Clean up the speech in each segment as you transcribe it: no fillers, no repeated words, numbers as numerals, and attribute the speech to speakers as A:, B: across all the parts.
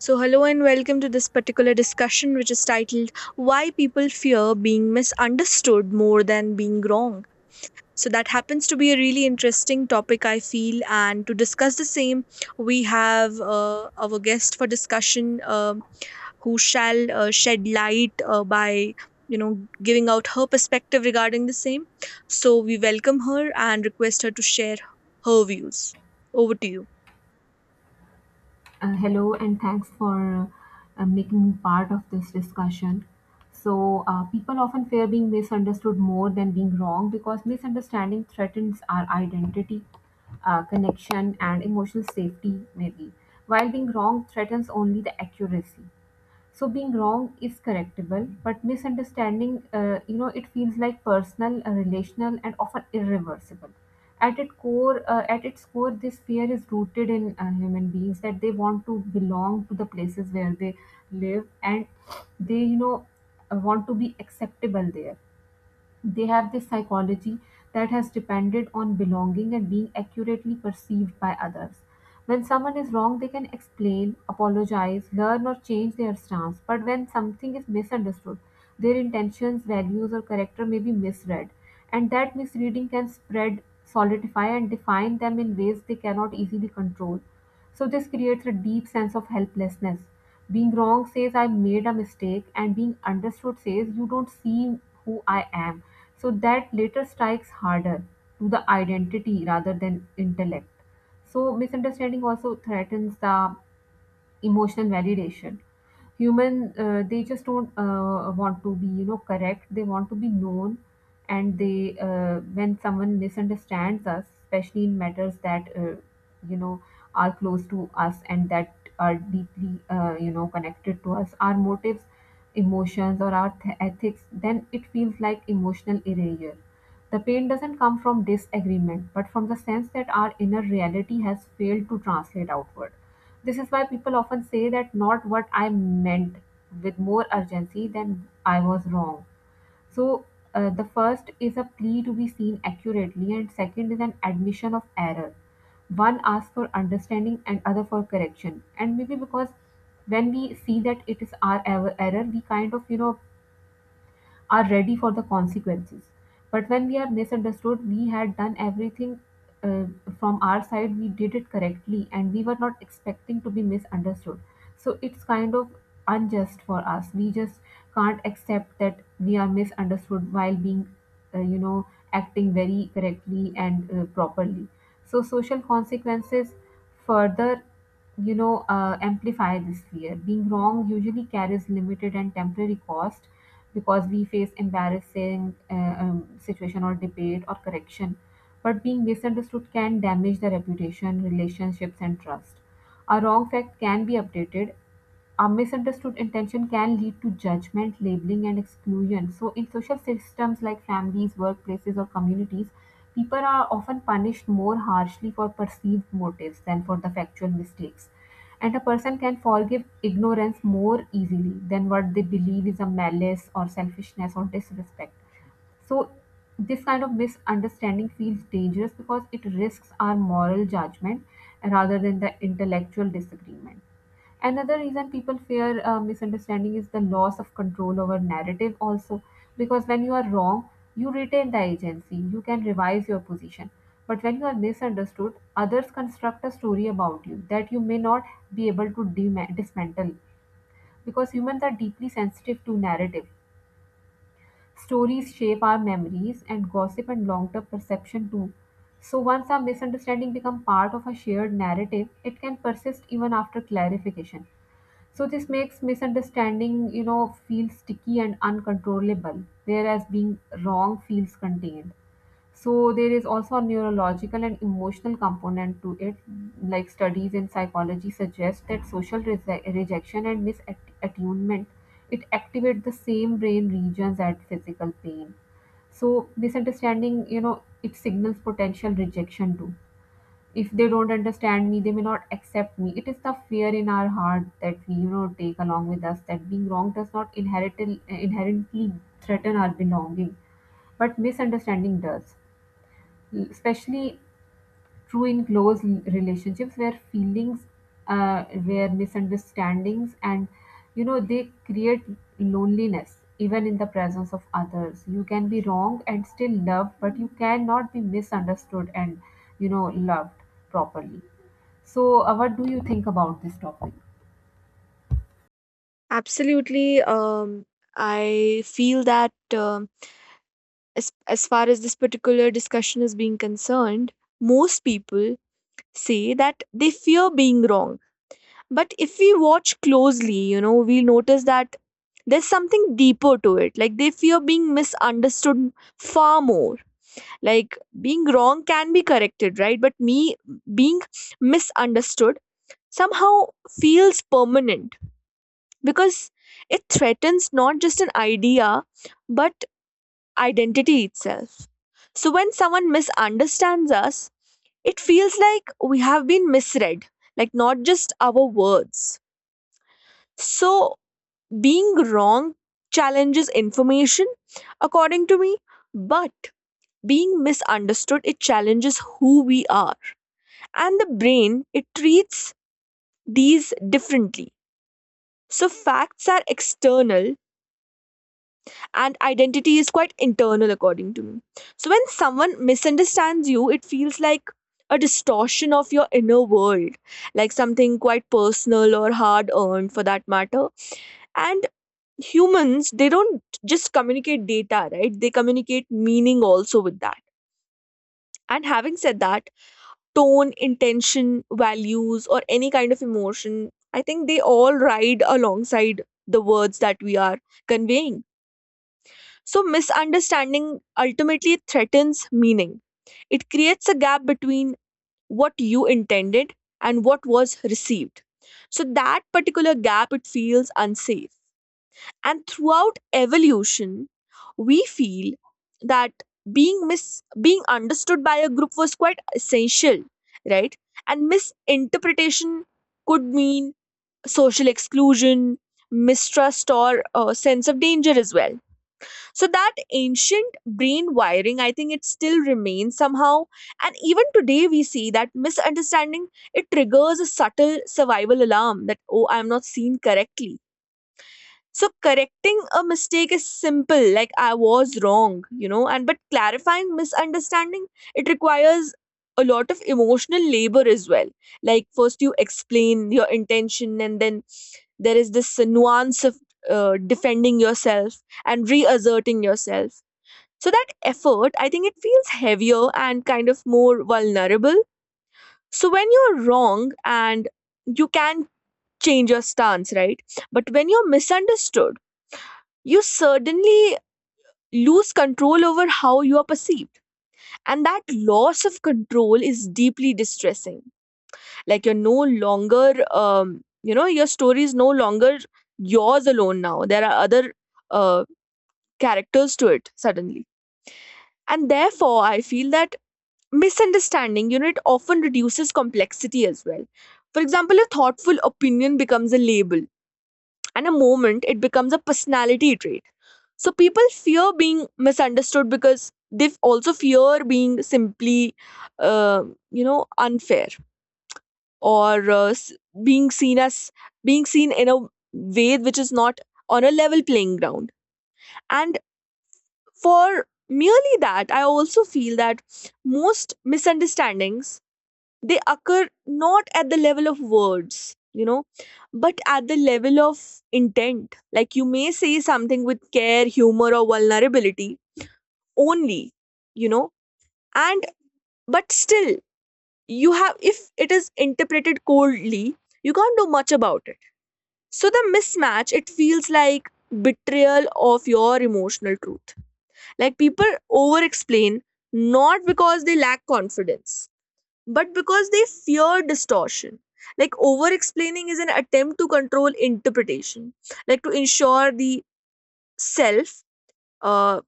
A: So, hello and welcome to this particular discussion, which is titled Why People Fear Being Misunderstood More Than Being Wrong. So, that happens to be a really interesting topic, I feel. And to discuss the same, we have our guest for discussion who shall shed light by you know giving out her perspective regarding the same, so we welcome her and request her to share her views. Over to you.
B: Hello, and thanks for making me part of this discussion. So, people often fear being misunderstood more than being wrong because misunderstanding threatens our identity, connection, and emotional safety, maybe, while being wrong threatens only the accuracy. So being wrong is correctable, but misunderstanding, you know, it feels like personal, relational, and often irreversible. At its core, this fear is rooted in human beings that they want to belong to the places where they live, and they you know want to be acceptable there. They have this psychology that has depended on belonging and being accurately perceived by others. When someone is wrong, they can explain, apologize, learn, or change their stance. But when something is misunderstood, their intentions, values, or character may be misread. And that misreading can spread, solidify, and define them in ways they cannot easily control. So this creates a deep sense of helplessness. Being wrong says I made a mistake, and being understood says you don't see who I am. So that later strikes harder to the identity rather than intellect. So misunderstanding also threatens the emotional validation. Human, they just don't want to be, correct. They want to be known, and they, when someone misunderstands us, especially in matters that, you know, are close to us, and that are deeply, connected to us, our motives, emotions, or our ethics, then it feels like emotional erasure. The pain doesn't come from disagreement, but from the sense that our inner reality has failed to translate outward. This is why people often say that not what I meant with more urgency than I was wrong. So the first is a plea to be seen accurately, and second is an admission of error. One asks for understanding and other for correction. And maybe because when we see that it is our error, we kind of, are ready for the consequences. But when we are misunderstood, we had done everything, uh, from our side, we did it correctly, and we were not expecting to be misunderstood. So it's kind of unjust for us. We just can't accept that we are misunderstood while being, acting very correctly and properly. So social consequences further, amplify this fear. Being wrong usually carries limited and temporary cost because we face embarrassing, situation or debate or correction, but being misunderstood can damage the reputation, relationships, and trust. A wrong fact can be updated, a misunderstood intention can lead to judgment, labeling, and exclusion. So, in social systems like families, workplaces, or communities, people are often punished more harshly for perceived motives than for the factual mistakes. And a person can forgive ignorance more easily than what they believe is a malice or selfishness or disrespect. So, this kind of misunderstanding feels dangerous because it risks our moral judgment rather than the intellectual disagreement. Another reason people fear misunderstanding is the loss of control over narrative, also, because when you are wrong, you retain the agency, you can revise your position. But when you are misunderstood, others construct a story about you that you may not be able to dismantle, because humans are deeply sensitive to narrative. Stories shape our memories and gossip and long term perception too. So once a misunderstanding becomes part of a shared narrative, it can persist even after clarification. So this makes misunderstanding, feel sticky and uncontrollable, whereas being wrong feels contained. So there is also a neurological and emotional component to it. Like studies in psychology suggest that social rejection and misattunement, it activate the same brain regions as physical pain. So misunderstanding, it signals potential rejection too. If they don't understand me, they may not accept me. It is the fear in our heart that we, take along with us, that being wrong does not inherently threaten our belonging, but misunderstanding does, especially true in close relationships where feelings, uh, where misunderstandings and, they create loneliness even in the presence of others. You can be wrong and still loved, but you cannot be misunderstood and, you know loved properly. So what do you think about this topic?
A: Absolutely. I feel that as far as this particular discussion is being concerned, most people say that they fear being wrong. But if we watch closely, you know, we'll notice that there's something deeper to it. Like, they fear being misunderstood far more. Like, being wrong can be corrected, right? But me being misunderstood somehow feels permanent, because it threatens not just an idea but identity itself. So when someone misunderstands us, it feels like we have been misread, like not just our words. So being wrong challenges information, according to me, but being misunderstood, it challenges who we are. And the brain, it treats these differently. So facts are external and identity is quite internal, according to me. So when someone misunderstands you, it feels like a distortion of your inner world, like something quite personal or hard earned for that matter. And humans, they don't just communicate data, right? They communicate meaning also with that. And having said that, tone, intention, values, or any kind of emotion, I think they all ride alongside the words that we are conveying. So, misunderstanding ultimately threatens meaning. It creates a gap between what you intended and what was received. So, that particular gap, it feels unsafe. And throughout evolution, we feel that being understood by a group was quite essential, right? And misinterpretation could mean social exclusion, mistrust, or sense of danger as well. So that ancient brain wiring, I think, it still remains somehow. And even today we see that misunderstanding, it triggers a subtle survival alarm, that oh, I'm not seen correctly. So correcting a mistake is simple, like I was wrong, you know. And but clarifying misunderstanding, it requires a lot of emotional labor as well. Like, first you explain your intention, and then there is this nuance of defending yourself and reasserting yourself. So that effort, I think it feels heavier and kind of more vulnerable. So when you're wrong, and you can change your stance, right? But when you're misunderstood, you certainly lose control over how you are perceived. And that loss of control is deeply distressing. Like, you're no longer, you know, your story is no longer yours alone now. There are other uh, characters to it suddenly. And therefore, I feel that misunderstanding, you know, it often reduces complexity as well. For example, a thoughtful opinion becomes a label, and a moment, it becomes a personality trait. So people fear being misunderstood because they also fear being simply, uh, you know, unfair, or being seen as being seen in a way which is not on a level playing ground. And for merely that, I also feel that most misunderstandings, they occur not at the level of words, you know, but at the level of intent. Like, you may say something with care, humor, or vulnerability only, you know, and but still, you have, if it is interpreted coldly, you can't do much about it. So the mismatch, it feels like betrayal of your emotional truth. Like, people over explain not because they lack confidence, but because they fear distortion. Like, over explaining is an attempt to control interpretation, like to ensure the self, uh,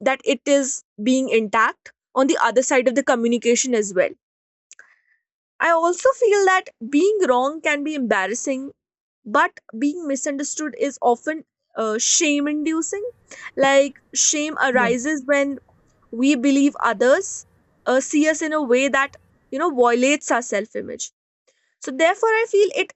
A: that it is being intact on the other side of the communication as well. I also feel that being wrong can be embarrassing, but being misunderstood is often shame inducing. Like, shame
B: Yes,
A: arises when we believe others see us in a way that, you know, violates our self image. So therefore, I feel it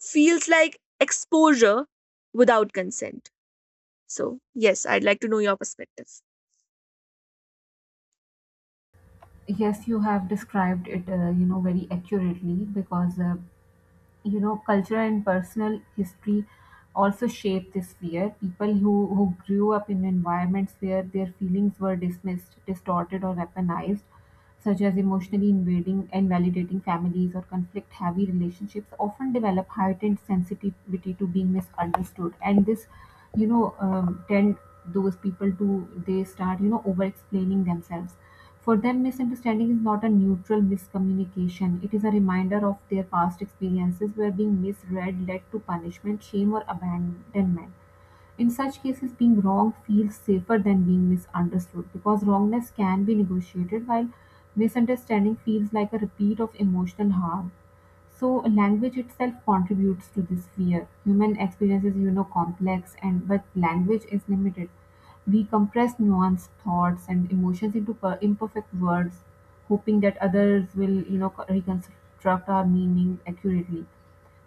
A: feels like exposure without consent. So yes, I'd like to know your perspective.
B: yes, you have described it, very accurately, because, cultural and personal history also shape this fear. People who grew up in environments where their feelings were dismissed, distorted, or weaponized, such as emotionally invading and validating families or conflict heavy relationships, often develop heightened sensitivity to being misunderstood, and this, tend, those people do, they start, over explaining themselves. For them, misunderstanding is not a neutral miscommunication, it is a reminder of their past experiences where being misread led to punishment, shame, or abandonment. In such cases, being wrong feels safer than being misunderstood, because wrongness can be negotiated, while misunderstanding feels like a repeat of emotional harm. So, language itself contributes to this fear. Human experience is, complex, and but language is limited. We compress nuanced thoughts and emotions into imperfect words, hoping that others will, reconstruct our meaning accurately.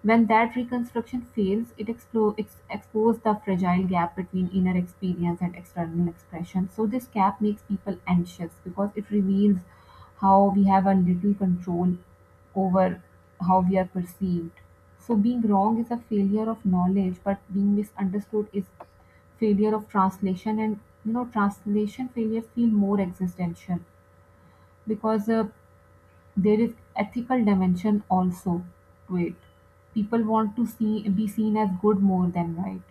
B: When that reconstruction fails, it exposes the fragile gap between inner experience and external expression. So this gap makes people anxious because it reveals how we have a little control over how we are perceived. So being wrong is a failure of knowledge, but being misunderstood is failure of translation, and, translation failures feel more existential, because there is ethical dimension also to it. People want to see be seen as good more than right.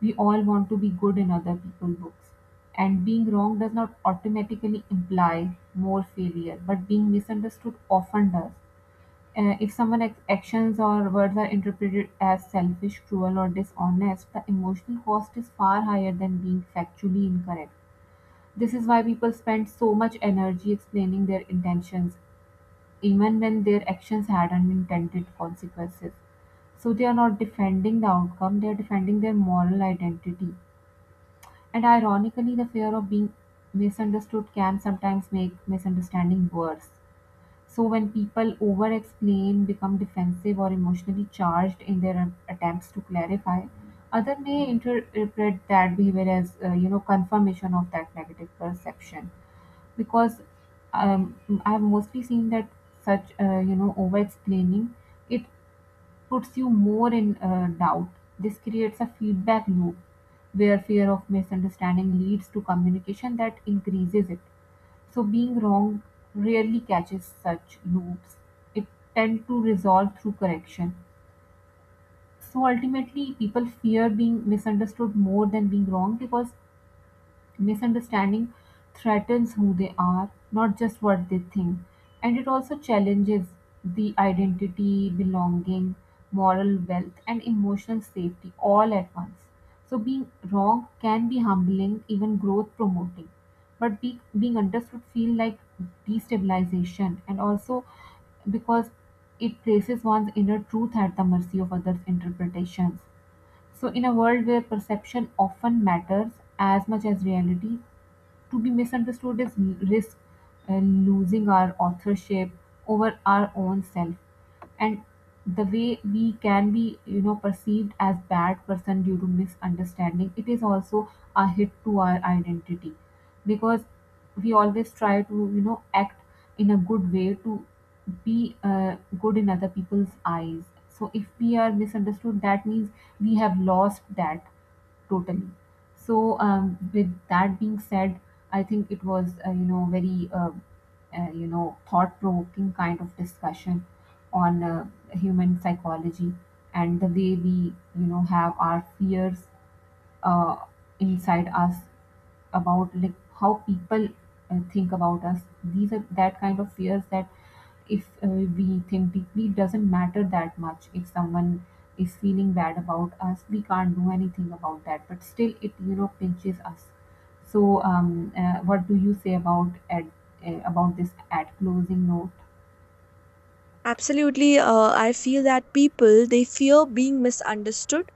B: We all want to be good in other people's books. And being wrong does not automatically imply more failure, but being misunderstood often does. If someone's actions or words are interpreted as selfish, cruel, or dishonest, the emotional cost is far higher than being factually incorrect. This is why people spend so much energy explaining their intentions, even when their actions had unintended consequences. So they are not defending the outcome, they are defending their moral identity. And ironically, the fear of being misunderstood can sometimes make misunderstanding worse. So when people over explain, become defensive, or emotionally charged in their attempts to clarify, other may interpret that behavior as, confirmation of that negative perception, because um, I've mostly seen that such, over explaining it puts you more in doubt. This creates a feedback loop where fear of misunderstanding leads to communication that increases it. So being wrong rarely catches such loops. It tend to resolve through correction. So ultimately people fear being misunderstood more than being wrong, because misunderstanding threatens who they are, not just what they think. And it also challenges the identity, belonging, moral wealth, and emotional safety all at once. So being wrong can be humbling, even growth promoting. But being understood feels like destabilization, and also because it places one's inner truth at the mercy of others' interpretations. So, in a world where perception often matters as much as reality, to be misunderstood is risk losing our authorship over our own self, and the way we can be, perceived as bad person due to misunderstanding, it is also a hit to our identity, because we always try to, act in a good way to be good in other people's eyes. So if we are misunderstood, that means we have lost that totally. So, with that being said, I think it was, thought-provoking kind of discussion on human psychology, and the way we, have our fears, uh, inside us, about like how people think about us. These are that kind of fears that, if we think deeply, it doesn't matter that much if someone is feeling bad about us. We can't do anything about that, but still it, pinches us. So what do you say about at, about this at closing note?
A: Absolutely. I feel that people, they fear being misunderstood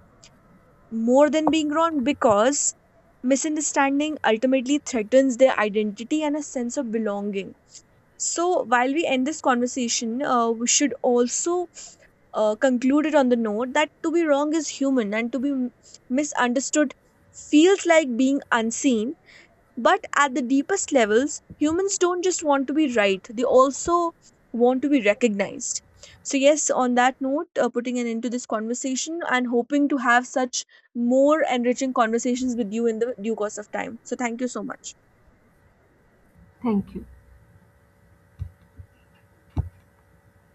A: more than being wrong because misunderstanding ultimately threatens their identity and a sense of belonging. So, while we end this conversation, we should also conclude it on the note that to be wrong is human, and to be misunderstood feels like being unseen. But at the deepest levels, humans don't just want to be right, they also want to be recognized. So, yes, on that note, putting an end to this conversation and hoping to have such more enriching conversations with you in the due course of time. So, thank you so much.
B: Thank you.